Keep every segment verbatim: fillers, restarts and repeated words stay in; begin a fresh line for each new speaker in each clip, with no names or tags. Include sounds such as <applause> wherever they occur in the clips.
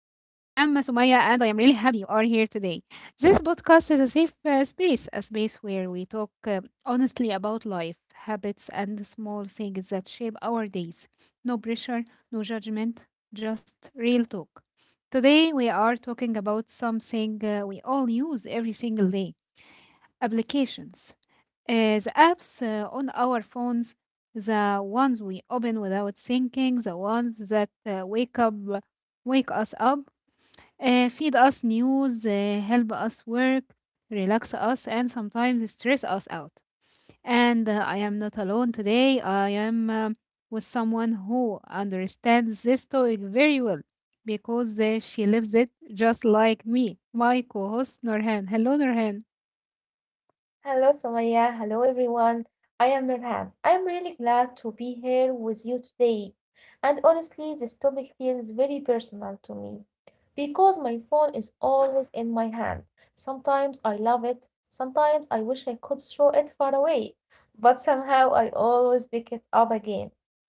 Sumaya, and I am really happy you are here today. This podcast is a safe uh, space, a space where we talk uh, honestly about life, habits, and the small things that shape our days. No pressure, no judgment, just real talk. Today, we are talking about something uh, we all use every single day applications. Uh, the apps uh, on our phones, the ones we open without thinking, the ones that uh, wake up, wake us up, uh, feed us news, uh, help us work, relax us, and sometimes stress us out. And uh, I am not alone today. I am um, with someone who understands this topic very well because uh, she lives it just like me. My co-host Norhan. Hello, Norhan.
Hello, Somaya. Hello, everyone. I am Nurhan. I'm really glad to be here with you today. And honestly, this topic feels very personal to me because my phone is always in my hand. Sometimes I love it, sometimes I wish I could throw it far away, but somehow I always pick it up again.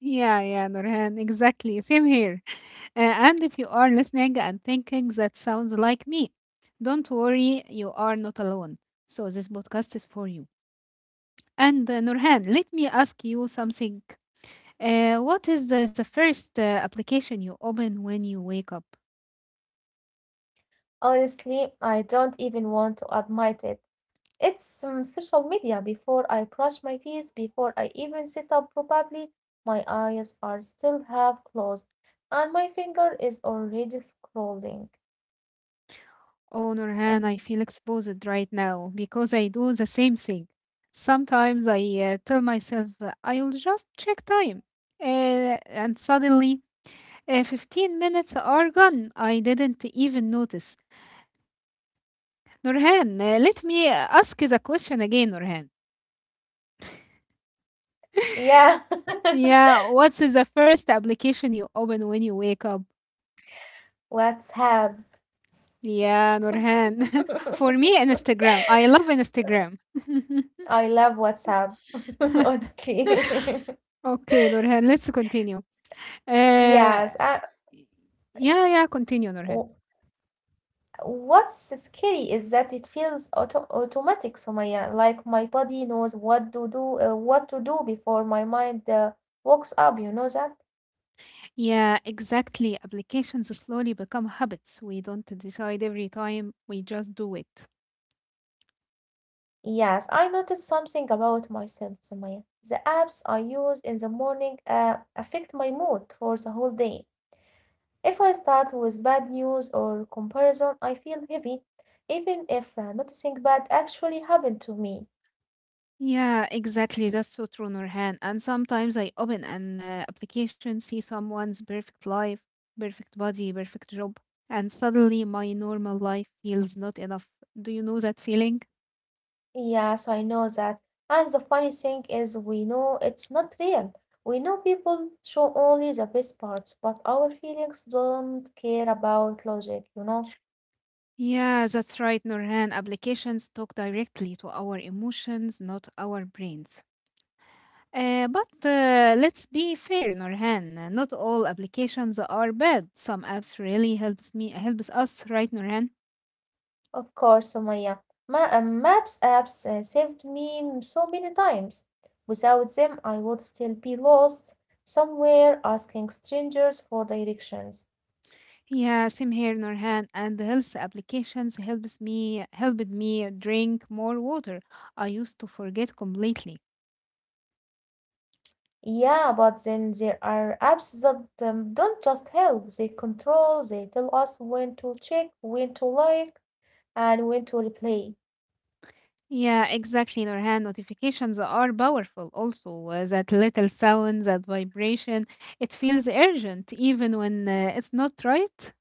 Yeah, yeah, Nurhan, exactly. Same here. Uh, and if you are listening and thinking that sounds like me, don't worry, you are not alone. So this podcast is for you. And uh, Nurhan, let me ask you something. Uh, what is the, the first uh, application you open when you wake up?
Honestly, I don't even want to admit it. It's um, social media before I brush my teeth, before I even sit up probably. My eyes are still half closed and my finger is already scrolling.
Oh,
Um,
Nurhan, I feel exposed right now because I do the same thing. Sometimes I uh, tell myself uh, I'll just check time. Uh, and suddenly Uh, fifteen minutes are gone. I didn't even notice. Nurhan, uh, let me ask the question again, Nurhan.
yeah,
Yeah, what's the first application you open when you wake up?
<laughs> WhatsApp.
Yeah, Nurhan. <laughs> For me,
<laughs>
Instagram. I love Instagram. <laughs>
I love WhatsApp, <laughs> honestly. <laughs>
Okay, Nurhan, let's continue. Uh,
Yes, uh,
yeah, yeah, continue,
w-
Nurhan.
what's scary is that it feels auto automatic, Sumaya. Like my body knows what to do, uh, what to do before my mind uh, wakes up. You know that?
Yeah, exactly. Applications slowly become habits. We don't decide every time, we just do it.
Yes, I noticed something about myself, Sumaya. The apps I use in the morning uh, affect my mood for the whole day. If I start with bad news or comparison, I feel heavy, even if uh, noticing bad actually happened to me.
Yeah, exactly. That's so true, Nurhan. And sometimes I open an uh, application, see someone's perfect life, perfect body, perfect job, and suddenly my normal life feels not enough. Do you know that feeling?
Yes, I know that. And the funny thing is, we know it's not real. We know people show only the best parts, but our feelings don't care about logic, you know?
Yeah, that's right, Nurhan. Applications talk directly to our emotions, not our brains. Uh, but uh, let's be fair, Nurhan. Not all applications are bad. Some apps really helps me helps us, right, Nurhan?
Of course, Sumaya. Ma uh, Maps apps uh, saved me m- so many times. Without them, I would still be lost somewhere asking strangers for directions.
Yeah, same here, Norhan. And the health applications helps me helped me drink more water. I used to forget completely.
Yeah, but then there are apps that um, don't just help, they control, they tell us when to check, when to like, and when to replay.
Yeah, exactly, Norhan. Notifications are powerful. Also, uh, that little sound, that vibration, it feels urgent, even when uh, it's not right.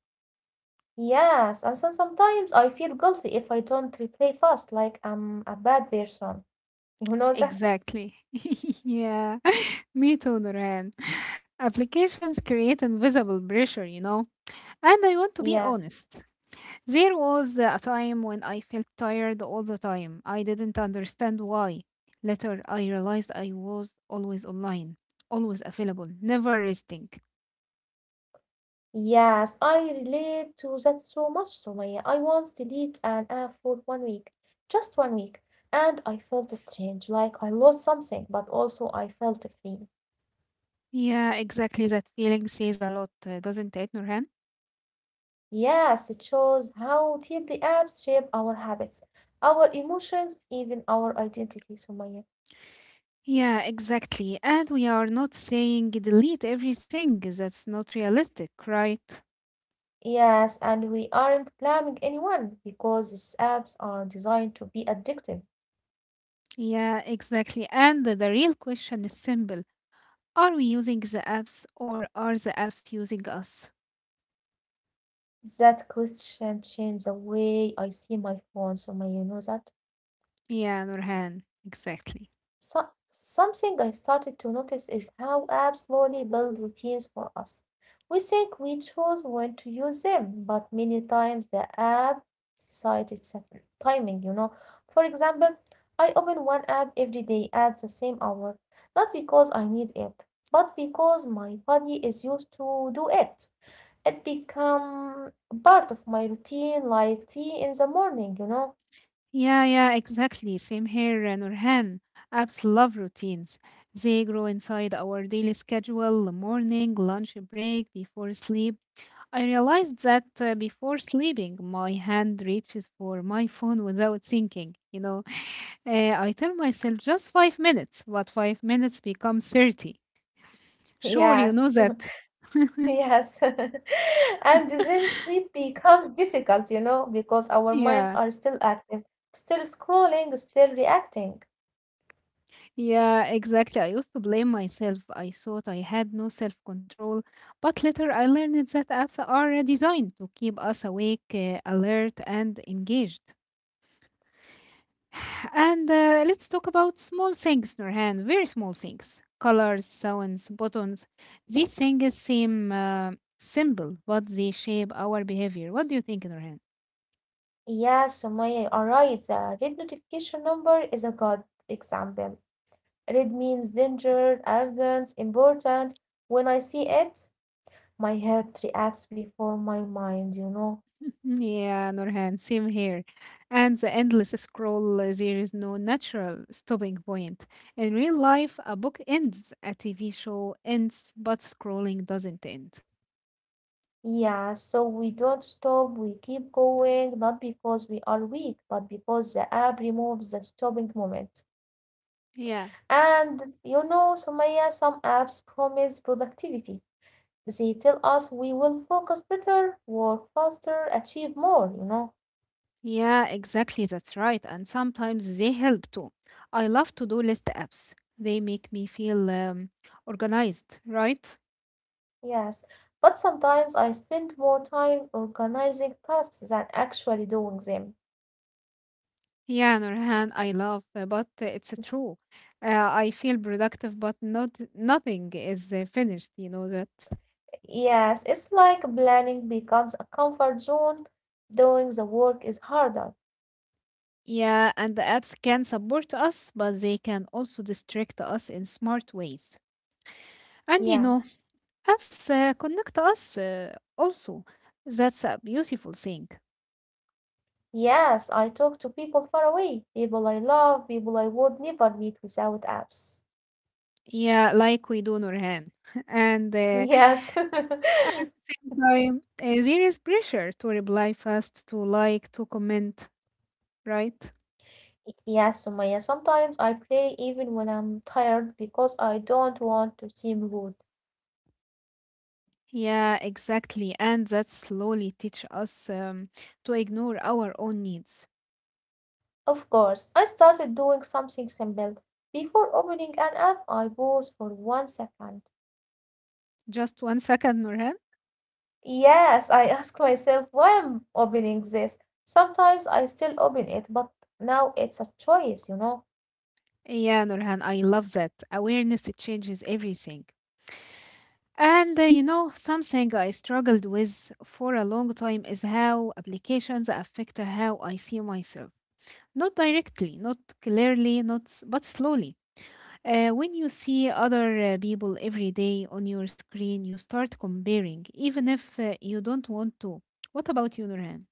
Yes, and so sometimes I feel guilty if I don't replay fast, like I'm a bad person. <laughs> You know that?
Exactly. <laughs> yeah, <laughs> me too, Norhan. Applications create invisible pressure, you know. And I want
<laughs>
to be
Yes.
honest. There was a time when I felt tired all the time. I didn't understand why. Later, I realized I was always online, always available, never resting.
Yes, I relate to that so much, Sumaya. I once deleted an app for one week, just one week, and I felt strange, like I lost something, but also I felt free.
Yeah, exactly. That feeling says a lot, uh, doesn't it, Nurhan?
Yes, it shows how deeply apps shape our habits, our emotions, even our identity, Sumaya.
Yeah, exactly. And we are not saying delete everything. That's not realistic, right?
Yes, and we aren't blaming anyone because these apps are designed to be addictive.
Yeah, exactly. And the real question is simple. Are we using the apps, or are the apps using us?
That question changed the way I see my phone, Sumaya. You know that?
Yeah, Nurhan, exactly.
So, something I started to notice is how apps slowly build routines for us. We think we chose when to use them, but many times the app decides its timing, you know. For example, I open one app every day at the same hour, not because I need it, but because my body is used to do it. It become part of my routine like tea in the morning, you know.
Yeah, yeah, exactly. Same here, uh, Nurhan. Apps love routines. They grow inside our daily schedule, morning, lunch break, before sleep. I realized that uh, before sleeping, my hand reaches for my phone without thinking. You know, <sighs> <laughs> Uh, I tell myself just five minutes, but five minutes become thirty.
<laughs>
Sure, you know
Yes.
that.
Yes. <laughs> And then sleep becomes difficult, you know, because our
<laughs>
minds
Yeah.
are still active, still scrolling, still reacting.
Yeah, exactly. I used to blame myself. I thought I had no self control, but later I learned that apps are designed to keep us awake, uh, alert, and engaged. <sighs> And uh, let's talk about small things, Nurhan, very small things. Colors, sounds, buttons. These things seem uh, simple, but they shape our behavior. What do you think, Nurhan?
Yes, Sumaya, you are right. The red notification number is a good example. Red means danger, arrogance, important. When I see it, my heart reacts before my mind, you know.
Yeah, Nurhan, same here. And the endless scroll, uh, there is no natural stopping point. In real life, a book ends, a T V show ends, but scrolling doesn't end.
Yeah, so we don't stop, we keep going, not because we are weak, but because the app removes the stopping moment.
Yeah,
And you know, Sumaya, some apps promise productivity. They tell us we will focus better, work faster, achieve more, you know.
yeah, exactly. That's right. And sometimes they help too. I love to do list apps, they make me feel um, organized, right?
Yes. But sometimes I spend more time organizing tasks than actually doing them.
Yeah, Nurhan, I love, uh, but uh, it's uh, true. Uh, I feel productive, but not nothing is uh, finished. You know that.
Yes, it's like planning becomes a comfort zone, doing the work is harder.
Yeah, and the apps can support us, but they can also distract us in smart ways. And you
Yeah.
know, apps uh, connect us uh, also. That's a beautiful thing.
Yes, I talk to people far away, people I love, people I would never meet without apps.
Yeah, like we do Nurhan. <laughs> And
<laughs>
uh,
Yes.
at
<laughs>
the same time, uh, there is pressure to reply fast, to like, to comment, right?
Yes, Sumaya. Sometimes I play even when I'm tired because I don't want to seem rude.
Yeah, exactly. And that slowly teach us um, to ignore our own needs.
Of course, I started doing something simple. Before opening an app, I pause for one second.
Just one second, Nurhan.
Yes, I <laughs> ask myself why I'm opening this. Sometimes I still open it, but now it's a choice, you know.
Yeah, Nurhan, I love that. Awareness it changes everything. And uh, you know, something I struggled with for a long time is how applications affect how I see myself. Not directly, not clearly, not s- but slowly. Uh, when you see other uh, people every day on your screen, you start comparing, even if uh, you don't want to. What about you, Nurhan?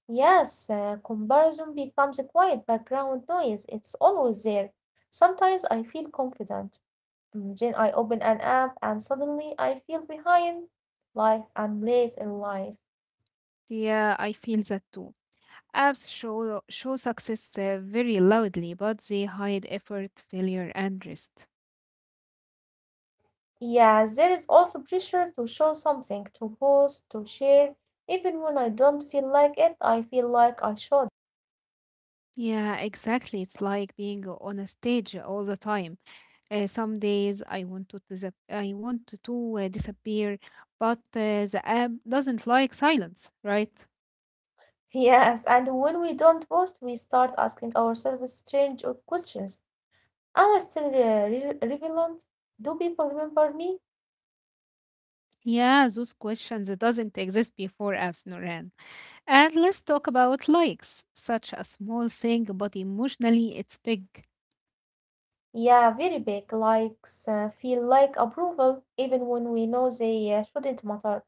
Yes, uh, comparison becomes a quiet background noise. It's always there. Sometimes I feel confident. Then I open an app and suddenly I feel behind, like I'm late in life.
Yeah, I feel that too. Apps show, show success uh, very loudly, but they hide effort, failure, and rest.
Yeah, there is also pressure to show something, to post, to share. Even when I don't feel like it, I feel like I should.
Yeah, exactly. It's like being on a stage all the time. Uh, some days I want to disap- I want to uh, disappear, but uh, the app doesn't like silence, right?
<laughs> Yes, and when we don't post, we start asking ourselves strange uh, questions. Am I still uh, re- relevant? Do people remember me?
Yeah, those questions doesn't exist before apps, Noran. And let's talk about likes. Such a small thing, but emotionally it's big.
Yeah, very big likes uh, feel like approval, even when we know they uh, shouldn't matter.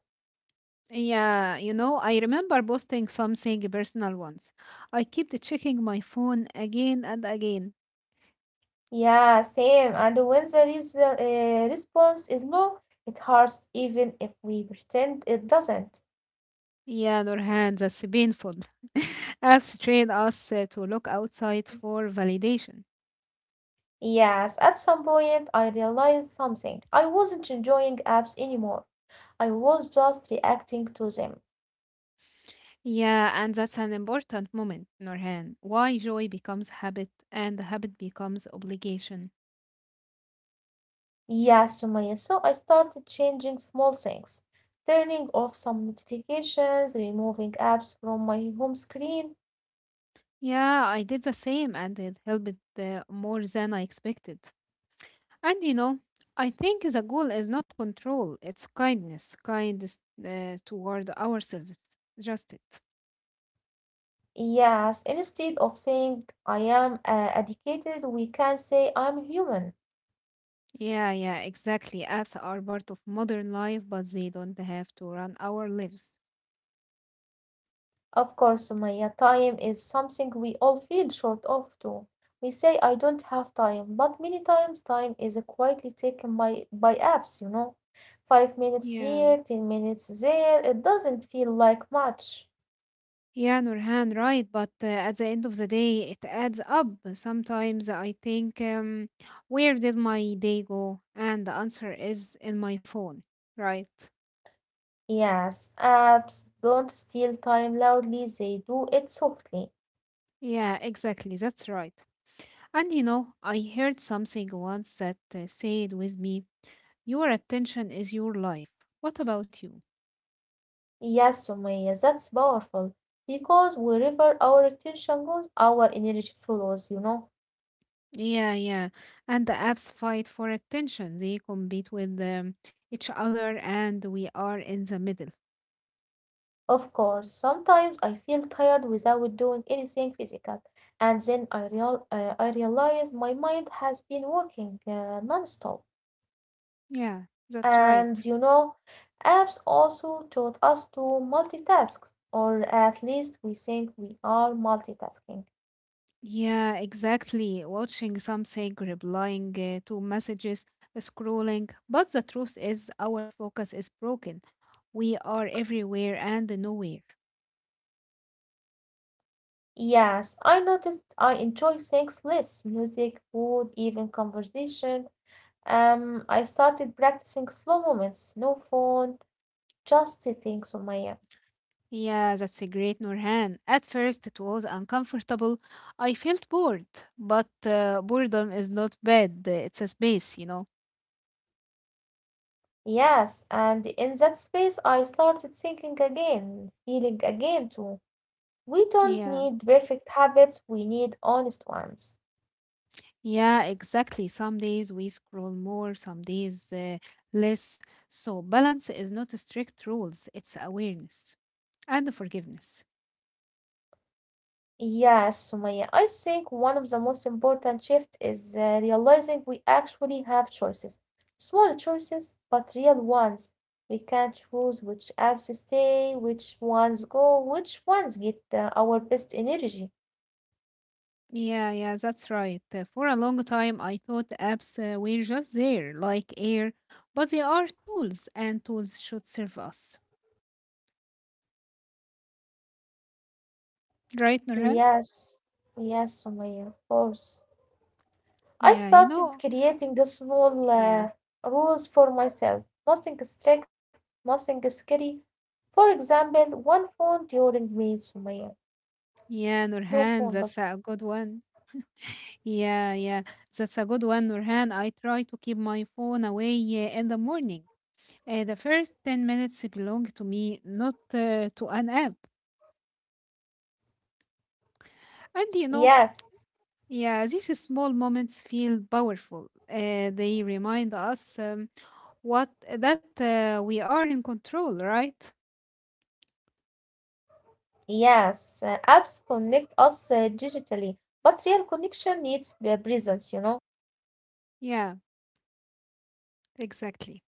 Yeah, you know, I remember posting something personal once. I kept checking my phone again and again.
Yeah, same. And when the res- uh, response is low, it hurts even if we pretend it doesn't.
Yeah, Nurhan, that's painful. <laughs> Apps train us uh, to look outside for validation.
Yes, at some point I realized something. I wasn't enjoying apps anymore. I was just reacting to them.
Yeah, and that's an important moment, Nurhan. Why joy becomes habit and habit becomes obligation.
Yes, Sumaya. So I started changing small things, turning off some notifications, removing apps from my home screen.
Yeah, I did the same and it helped uh, more than I expected. And you know, I think the goal is not control, it's kindness, kindness uh, toward ourselves. Just it.
Yes, instead of saying I am uh, addicted, we can say I'm human.
Yeah, yeah, exactly. Apps are part of modern life, but they don't have to run our lives.
Of course, Sumaya, time is something we all feel short of too. We say, I don't have time, but many times time is quietly taken by, by apps, you know. Five minutes
Yeah.
here, ten minutes there, it doesn't feel like much.
Yeah, Nurhan, right. But uh, at the end of the day, it adds up. Sometimes I think, um, where did my day go? And the answer is in my phone, right?
Yes, apps don't steal time loudly, they do it softly.
Yeah, exactly. That's right. And you know, I heard something once that uh, said with me, your attention is your life. What about you?
Yes, Sumaya, that's powerful. Because wherever our attention goes, our energy follows, you know.
Yeah, yeah. And the apps fight for attention. They compete with um, each other, and we are in the middle.
Of course, sometimes I feel tired without doing anything physical, and then I, real, uh, I realize my mind has been working uh, non-stop.
Yeah, that's right.
And you know, apps also taught us to multitask, or at least we think we are multitasking.
Yeah, exactly. Watching something, replying uh, to messages, scrolling. But the truth is, our focus is broken. We are everywhere and nowhere.
Yes, I noticed I enjoy things less music, food, even conversation. Um, I started practicing slow moments, no phone, just sitting, Sumaya.
Yeah, that's a great Nurhan. At first, it was uncomfortable. I felt bored, but uh, boredom is not bad. It's a space, you know.
Yes, and in that space I started thinking again, feeling again too. We don't
Yeah,
need perfect habits, we need honest ones.
yeah, exactly. Some days we scroll more, some days uh, less. So, balance is not a strict rules, it's awareness and forgiveness.
Yes, Sumaya, I think one of the most important shifts is uh, realizing we actually have choices. Small choices, but real ones. We can choose which apps stay, which ones go, which ones get uh, our best energy.
Yeah, yeah, that's right. Uh, For a long time, I thought apps uh, were just there, like air, but they are tools, and tools should serve us. Right, Nurhan?
Yes, yes, Sumaya, of course. I
Yeah, you
started
know,
creating a small
yeah,
uh, rules for myself, nothing strict, nothing scary. For example, one phone during meals, Sumaya. No
yeah,
phone, Gus.
Nurhan, that's a good one. Yeah, yeah, that's a good one, Nurhan. I try to keep my phone away uh, in the morning. Uh, the first ten minutes belong to me, not uh, to an app. And you know,
Yes,
yeah, these small moments feel powerful. Uh, they remind us um, what that uh, we are in control, right?
yes. Uh, apps connect us uh, digitally, but real connection needs uh, presence, you know.
Yeah, exactly.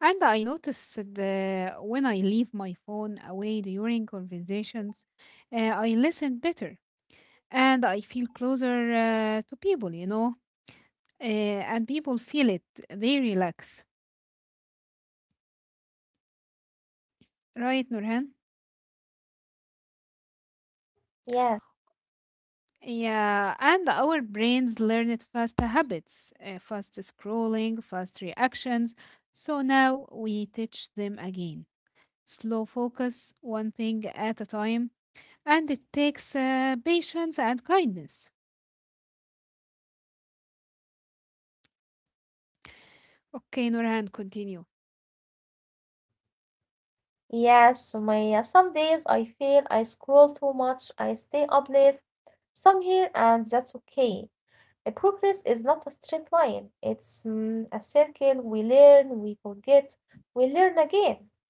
And I noticed that when I leave my phone away during conversations, uh, I listen better and I feel closer uh, to people, you know, uh, and people feel it. They relax. Right, Nurhan?
Yes,
Yeah, and our brains learned fast habits, uh, fast scrolling, fast reactions. So now we teach them again. Slow focus, one thing at a time, and it takes uh, patience and kindness. Okay, Nurhan, continue.
yes, Sumaya. Some days I feel I scroll too much, I stay up late. Some here, and that's okay. Uh, Progress is not a straight line, it's mm, a circle. We learn, we forget, we learn again.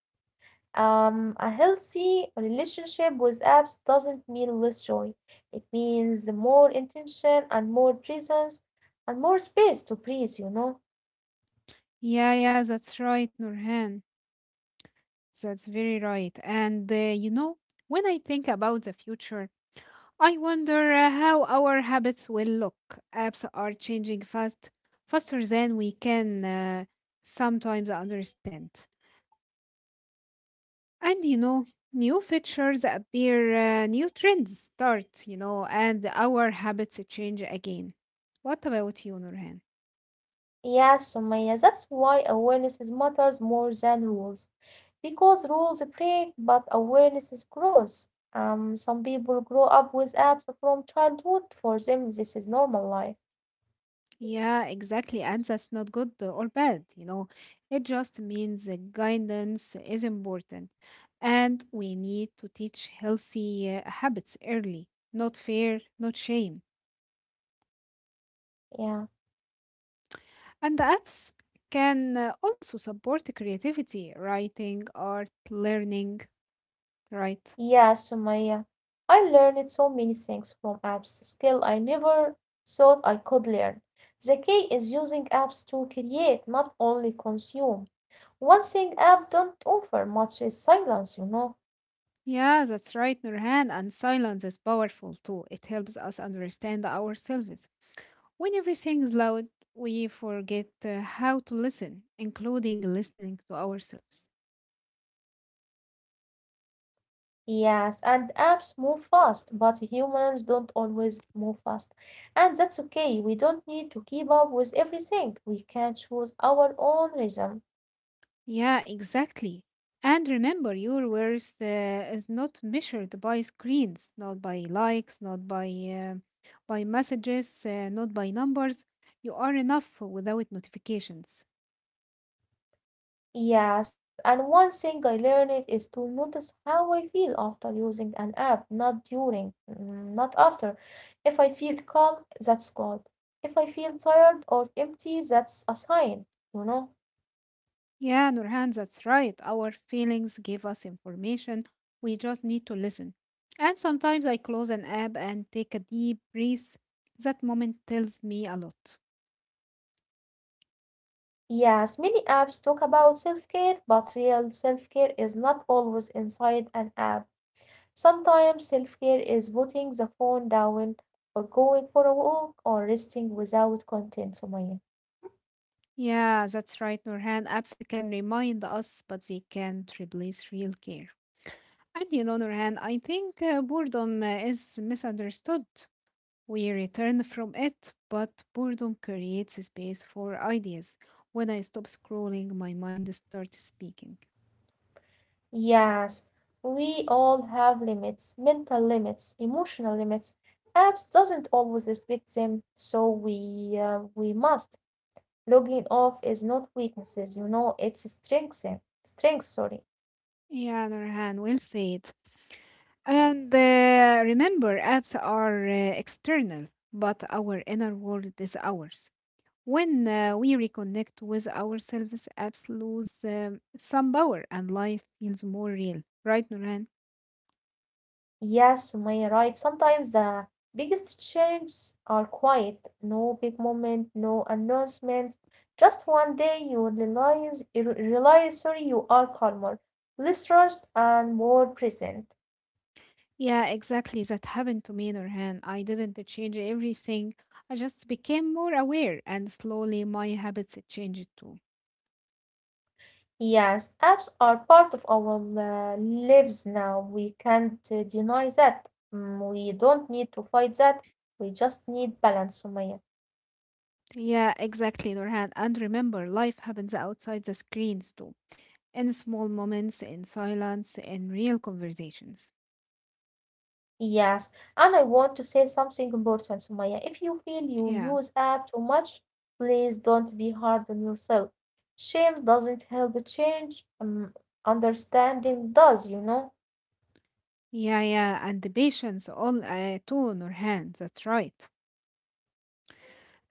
Um, a healthy relationship with apps doesn't mean less joy. It means more intention and more presence and more space to breathe, you know?
Yeah, yeah, that's right, Nurhan. That's very right. And uh, you know, when I think about the future, I wonder uh, how our habits will look. Apps are changing fast, faster than we can uh, sometimes understand. And you know, new features appear, uh, new trends start, you know, and our habits change again. What about you, Nurhan?
Yeah, Sumaya, that's why awareness is matters more than rules. Because rules break, but awareness is grows. Um, some people grow up with apps from childhood. For them, this is normal life.
Yeah, exactly. And that's not good or bad, you know. It just means that guidance is important. And we need to teach healthy uh, habits early, not fear, not shame.
Yeah,
And the apps can uh, also support the creativity, writing, art, learning, right?
yeah, Sumaya. I learned so many things from apps, skill I never thought I could learn. The key is using apps to create, not only consume. One thing app don't offer much is silence, you know.
Yeah, that's right, Nurhan. And silence is powerful too. It helps us understand ourselves. When everything is loud, we forget uh, how to listen, including listening to ourselves.
Yes, and apps move fast, but humans don't always move fast. And that's okay. We don't need to keep up with everything. We can choose our own rhythm.
Yeah, exactly. And remember, your worth uh, is not measured by screens, not by likes, not by uh, by messages, uh, not by numbers. You are enough without notifications.
Yes, and one thing I learned is to notice how I feel after using an app, not during, mm, not after. If I feel calm, that's good. If I feel tired or empty, that's a sign, you know?
Yeah, Nurhan, that's right. Our feelings give us information. We just need to listen. And sometimes I close an app and take a deep breath. That moment tells me a lot.
Yes, many apps talk about self-care, but real self-care is not always inside an app. Sometimes self care is putting the phone down or going for a walk or resting without content, Sumaya.
Yeah, that's right, Nurhan. Apps can remind us, but they can't replace real care. And you know, Nurhan, I think uh, boredom uh, is misunderstood. We return from it, but boredom creates space for ideas. When I stop scrolling, my mind starts speaking.
Yes, we all have limits, mental limits, emotional limits. Apps doesn't always respect them. So we uh, we must Logging off is not weaknesses, you know, it's strength. Strength, sorry.
Yeah, Nurhan, will say it. And uh, remember, apps are uh, external, but our inner world is ours. When uh, we reconnect with ourselves, apps lose um, some power and life feels more real. Right, Nurhan?
Yes, Sumaya, right. Sometimes the biggest changes are quiet. No big moment, no announcement. Just one day you realize, you realize, sorry, you are calmer, less rushed, and more present.
Yeah, exactly. That happened to me, Nurhan. I didn't change everything. I just became more aware, and slowly my habits changed too.
Yes, apps are part of our uh, lives now. We can't uh, deny that. Mm, We don't need to fight that. We just need balance, Sumaya.
Yeah, exactly, Nurhan. And remember, life happens outside the screens too, in small moments, in silence, in real conversations.
Yes, and I want to say something important, Sumaya. If you feel you
Yeah,
use app too much, please don't be hard on yourself. Shame doesn't help change. Um, understanding does, you know?
yeah, yeah. And the patience, all uh, too, Nurhan. That's right.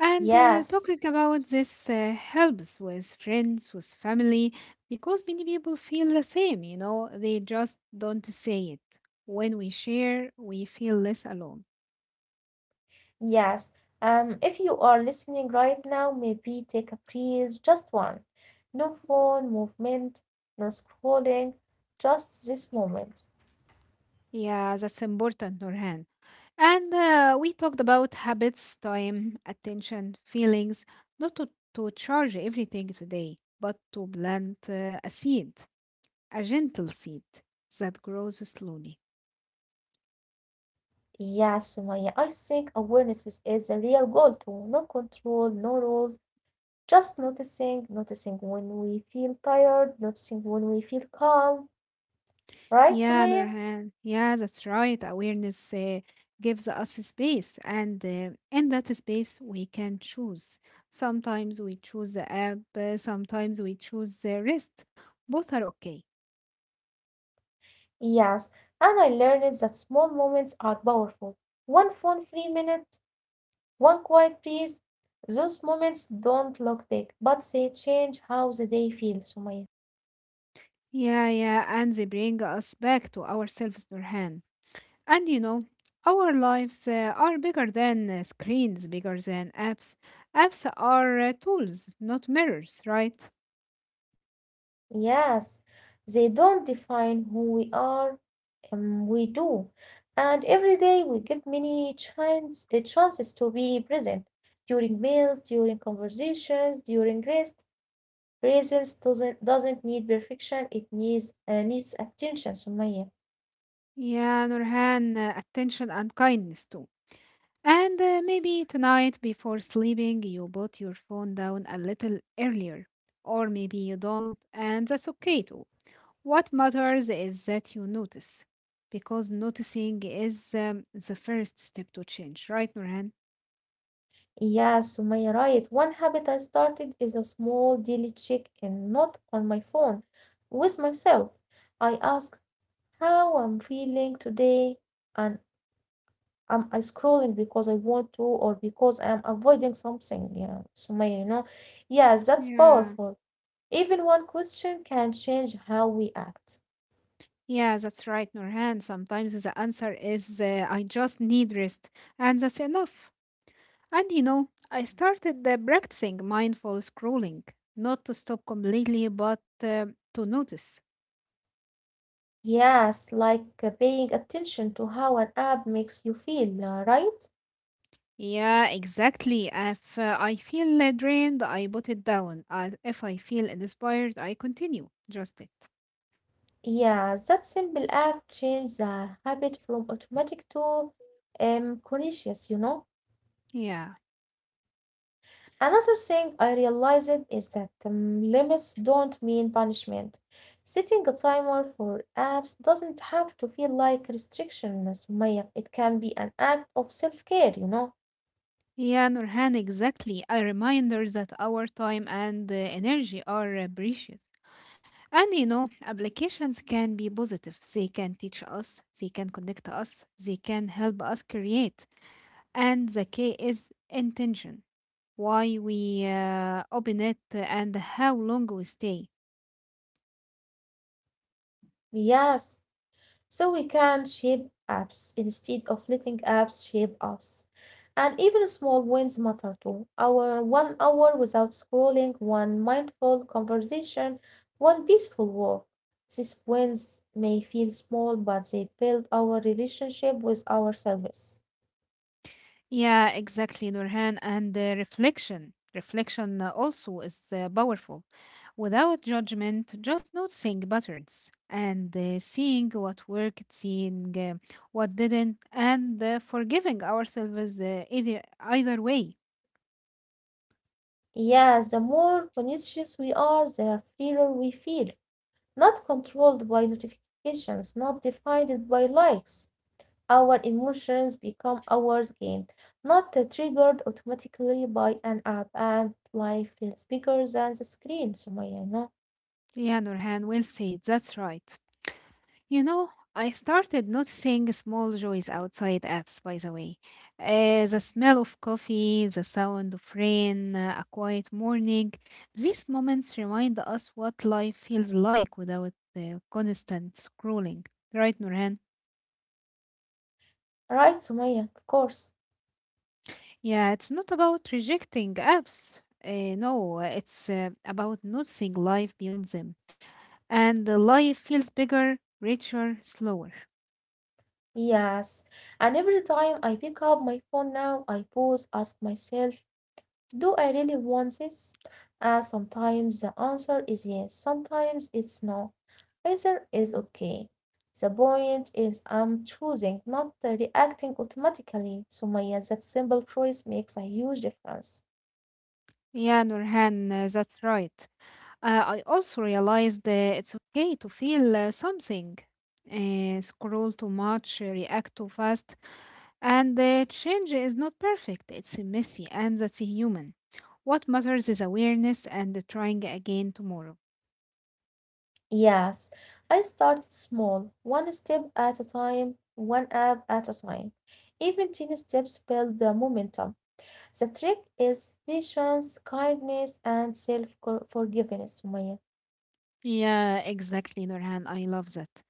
And uh,
Yes,
talking about this uh, helps with friends, with family, because many people feel the same, you know, they just don't say it. When we share, we feel less alone.
yes. Um, if you are listening right now, maybe take a breeze, just one. No phone movement, no scrolling, just this moment.
Yeah, that's important, Norhan. And uh, we talked about habits, time, attention, feelings, not to, to charge everything today, but to plant uh, a seed, a gentle seed that grows slowly.
Yes, Sumaya. I think awareness is, is a real goal too. No control, no rules. Just noticing, noticing when we feel tired, noticing when we feel calm, right,
Yeah,
Sumaya?
Nurhan. Yeah, that's right. Awareness uh, gives us space, and uh, in that space, we can choose. Sometimes we choose the app, uh, sometimes we choose the rest. Both are okay.
Yes, and I learned that small moments are powerful. One phone free minute, one quiet breeze. Those moments don't look big, but they change how the day feels, Sumaya.
Yeah, yeah, and they bring us back to ourselves, Nurhan. And you know, our lives uh, are bigger than uh, screens, bigger than apps. Apps are uh, tools, not mirrors, right?
Yes, they don't define who we are, um, we do. And every day we get many chance, uh, chances to be present during meals, during conversations, during rest. Presence doesn't doesn't need perfection, it needs uh, needs attention, Sumaya.
Yeah, Nurhan, uh, attention and kindness too. And uh, maybe tonight before sleeping, you put your phone down a little earlier. Or maybe you don't, and that's okay too. What matters is that you notice. Because noticing is um, the first step to change, right, Nurhan?
Yeah, Sumaya, right. One habit I started is a small daily check-in, not on my phone, with myself. I ask how I'm feeling today, and I'm I scrolling because I want to or because I'm avoiding something. Yeah, Sumaya, you know. Yes, that's
Yeah.
powerful. Even one question can change how we act.
Yeah, that's right, Nurhan. Sometimes the answer is uh, I just need rest, and that's enough. And you know, I started uh, practicing mindful scrolling, not to stop completely, but uh, to notice.
Yes, like uh, paying attention to how an app makes you feel, uh, right?
Yeah, exactly. If uh, I feel uh, drained, I put it down. Uh, if I feel inspired, I continue. Just it.
Yes, that simple act changes a habit from automatic to um conscious, you know.
Yeah.
Another thing I realized is that um, limits don't mean punishment. Setting a timer for apps doesn't have to feel like restriction, Sumaya. It can be an act of self care, you know?
Yeah, Nurhan, exactly. A reminder that our time and uh, energy are uh, precious. And you know, applications can be positive. They can teach us, they can connect us, they can help us create. And the key is intention. Why we uh, open it, and how long we stay.
Yes. So we can shape apps instead of letting apps shape us. And even small wins matter too. Our one hour without scrolling, one mindful conversation, one peaceful walk. These wins may feel small, but they build our relationship with ourselves.
Yeah, exactly, Nurhan. And uh, reflection. Reflection uh, also is uh, powerful. Without judgment, just noticing patterns and uh, seeing what worked, seeing uh, what didn't, and uh, forgiving ourselves uh, either, either way.
Yes, the more conscious we are, the freer we feel. Not controlled by notifications, not defined by likes. Our emotions become ours again, not uh, triggered automatically by an app, and life feels bigger than the screen, Sumaya, no?
Yeah, Nurhan, well said. That's right. You know, I started noticing small joys outside apps, by the way. Uh, the smell of coffee, the sound of rain, uh, a quiet morning. These moments remind us what life feels like without uh, constant scrolling. Right, Nurhan?
Right, Sumaya, of course.
Yeah, it's not about rejecting apps. Uh, no, it's uh, about noticing life beyond them. And the life feels bigger, richer, slower.
Yes. And every time I pick up my phone now, I pause, ask myself, do I really want this? And sometimes the answer is yes, sometimes it's no. Either is okay. The point is I'm choosing, not uh, reacting automatically. So Maya, that simple choice makes a huge difference.
Yeah, Nurhan, uh, that's right. Uh, I also realized that it's okay to feel uh, something, uh, scroll too much, uh, react too fast, and the change is not perfect. It's messy, and that's human. What matters is awareness and trying again tomorrow.
Yes, I started small, one step at a time, one app at a time. Even tiny steps build the momentum. The trick is patience, kindness, and self forgiveness, Sumaya.
Yeah, exactly, Nurhan. I love that.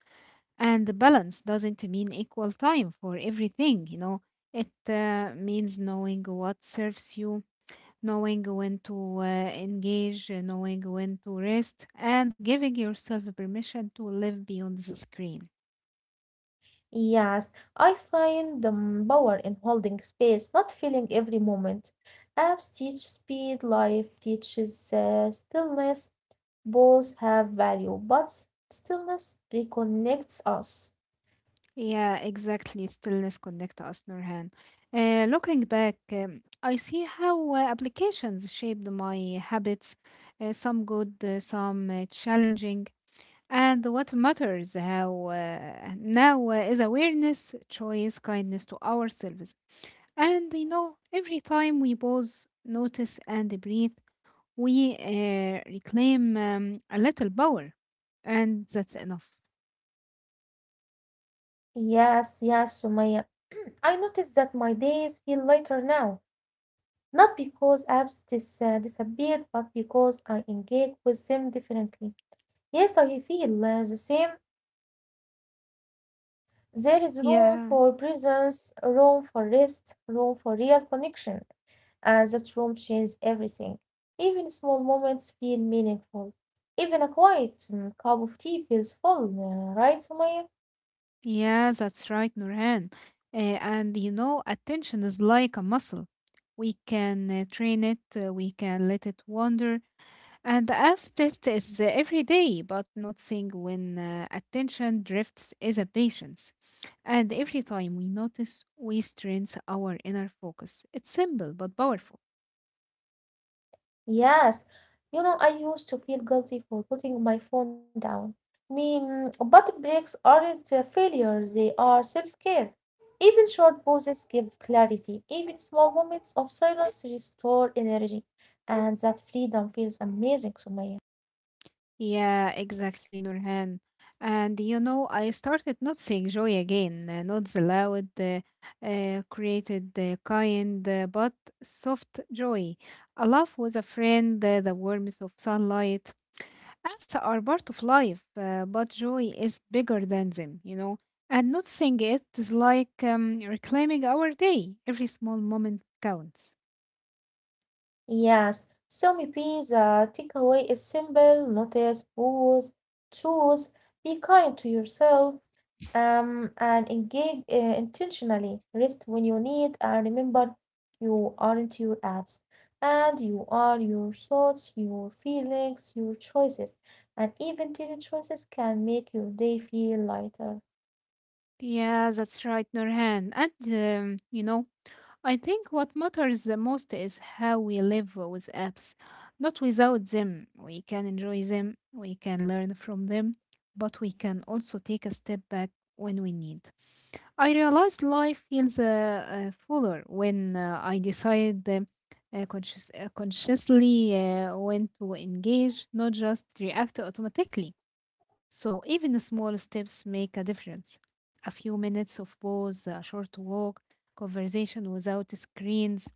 And the balance doesn't mean equal time for everything, you know. It uh, means knowing what serves you, knowing when to uh, engage, uh, knowing when to rest, and giving yourself permission to live beyond the screen.
Yes, I find the mm, power in holding space, not filling every moment. Apps teach speed, life teaches uh, stillness. Both have value, but stillness reconnects us.
Yeah, exactly. Stillness connect us, Nurhan. Uh, looking back, um, I see how uh, applications shaped my habits, uh, some good, uh, some uh, challenging. And what matters how uh, now uh, is awareness, choice, kindness to ourselves. And you know, every time we pause, notice, and breathe, we uh, reclaim um, a little power. And that's enough.
Yes, yes, Sumaya. <clears throat> I notice that my days feel lighter now, not because apps dis- uh, disappeared, but because I engage with them differently. Yes, I feel uh, the same. There is room
Yeah.
for presence, room for rest, room for real connection, and that room changes everything. Even small moments feel meaningful. Even a quiet mm, cup of tea feels full, uh, right, Sumaya?
Yeah, that's right, Nurhan. Uh, and you know, attention is like a muscle. We can uh, train it, uh, we can let it wander. And the apps test is uh, every day, but noticing when uh, attention drifts is a patience. And every time we notice, we strengthen our inner focus. It's simple but powerful.
Yes, you know, I used to feel guilty for putting my phone down. Me, mm, but breaks aren't a failure, they are self-care. Even short pauses give clarity. Even small moments of silence restore energy. And that freedom feels amazing, to me.
Yeah, exactly, Nurhan. And you know, I started noticing joy again, uh, not the loud, uh, uh, created uh, kind, uh, but soft joy. A laugh with a friend, uh, the warmth of sunlight. Apps are part of life, uh, but joy is bigger than them, you know. And noticing it is like um, reclaiming our day. Every small moment counts.
Yes, so maybe the takeaway is simple, notice, pause, choose, be kind to yourself, um, and engage uh, intentionally. Rest when you need, and remember you aren't your apps, and you are your thoughts, your feelings, your choices, and even tiny choices can make your day feel lighter.
Yeah, that's right, Nurhan. And um, you know, I think what matters the most is how we live with apps. Not without them. We can enjoy them, we can learn from them, but we can also take a step back when we need. I realized life feels uh, uh, fuller when uh, I decide um, uh, conscious, uh, consciously uh, when to engage, not just react automatically. So even the small steps make a difference. A few minutes of pause, a short walk, conversation without screens,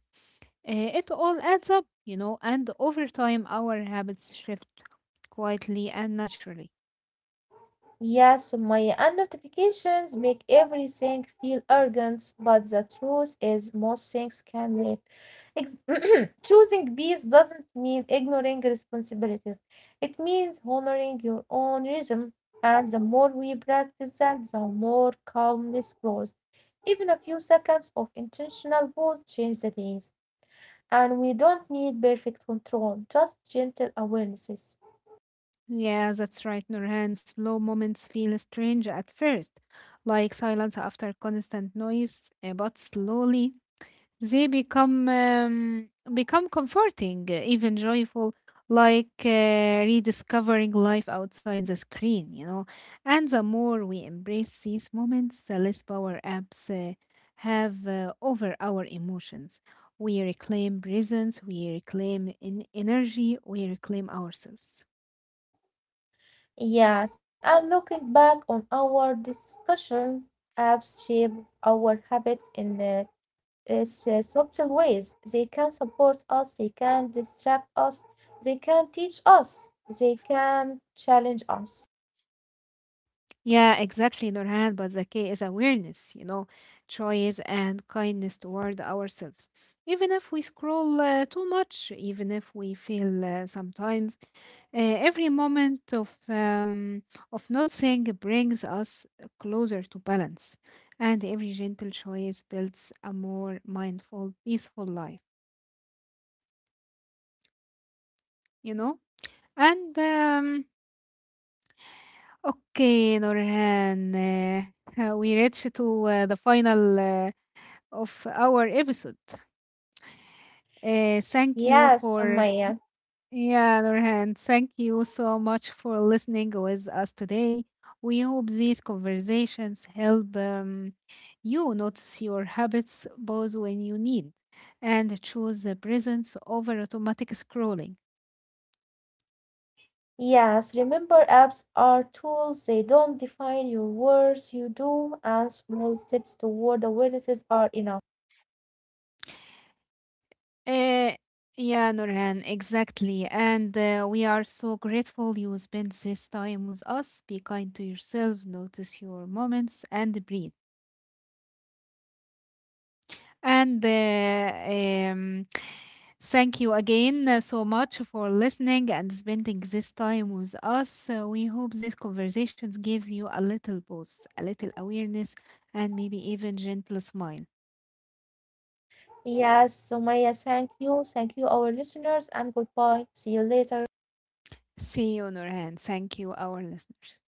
eh, it all adds up, you know, and over time our habits shift quietly and naturally.
Yeah, so my and notifications make everything feel urgent, but the truth is most things can wait. Ex- <clears throat> Choosing peace doesn't mean ignoring responsibilities. It means honoring your own rhythm, and the more we practice that, the more calmness grows. Even a few seconds of intentional pause change the days, and we don't need perfect control, just gentle awarenesses.
Yeah, that's right, Nurhan. Slow moments feel strange at first, like silence after constant noise, eh, but slowly they become um, become comforting, uh, even joyful, like uh, rediscovering life outside the screen, you know. And the more we embrace these moments, the less power apps uh, have uh, over our emotions. We reclaim presence, we reclaim in energy, we reclaim ourselves.
Yes, and looking back on our discussion, apps shape our habits in uh, uh, subtle ways. They can support us, they can distract us, they can teach us, they can challenge us.
Yeah, exactly, Nurhan. But the key is awareness, you know, choice and kindness toward ourselves. Even if we scroll uh, too much, even if we feel uh, sometimes, uh, every moment of um, of noticing brings us closer to balance, and every gentle choice builds a more mindful, peaceful life. You know, and um, okay, Nurhan, uh, <laughs> we reach to uh, the final. Uh, of our episode. Uh, thank you
Yes,
for,
Sumaya.
yeah, Nurhan, thank you so much for listening with us today. We hope these conversations help um, you notice your habits both when you need and choose the presence over automatic scrolling.
Yes, remember apps are tools. They don't define your words, you do, and small steps toward awarenesses are enough.
Uh, yeah, Nurhan, exactly. And uh, we are so grateful you spent this time with us. Be kind to yourself, notice your moments, and breathe. And uh, um, thank you again uh, so much for listening and spending this time with us. Uh, we hope this conversations gives you a little boost, a little awareness, and maybe even gentle smile.
Yes, Sumaya, thank you. Thank you, our listeners, and goodbye. See you later.
See you, Nurhan. Thank you, our listeners.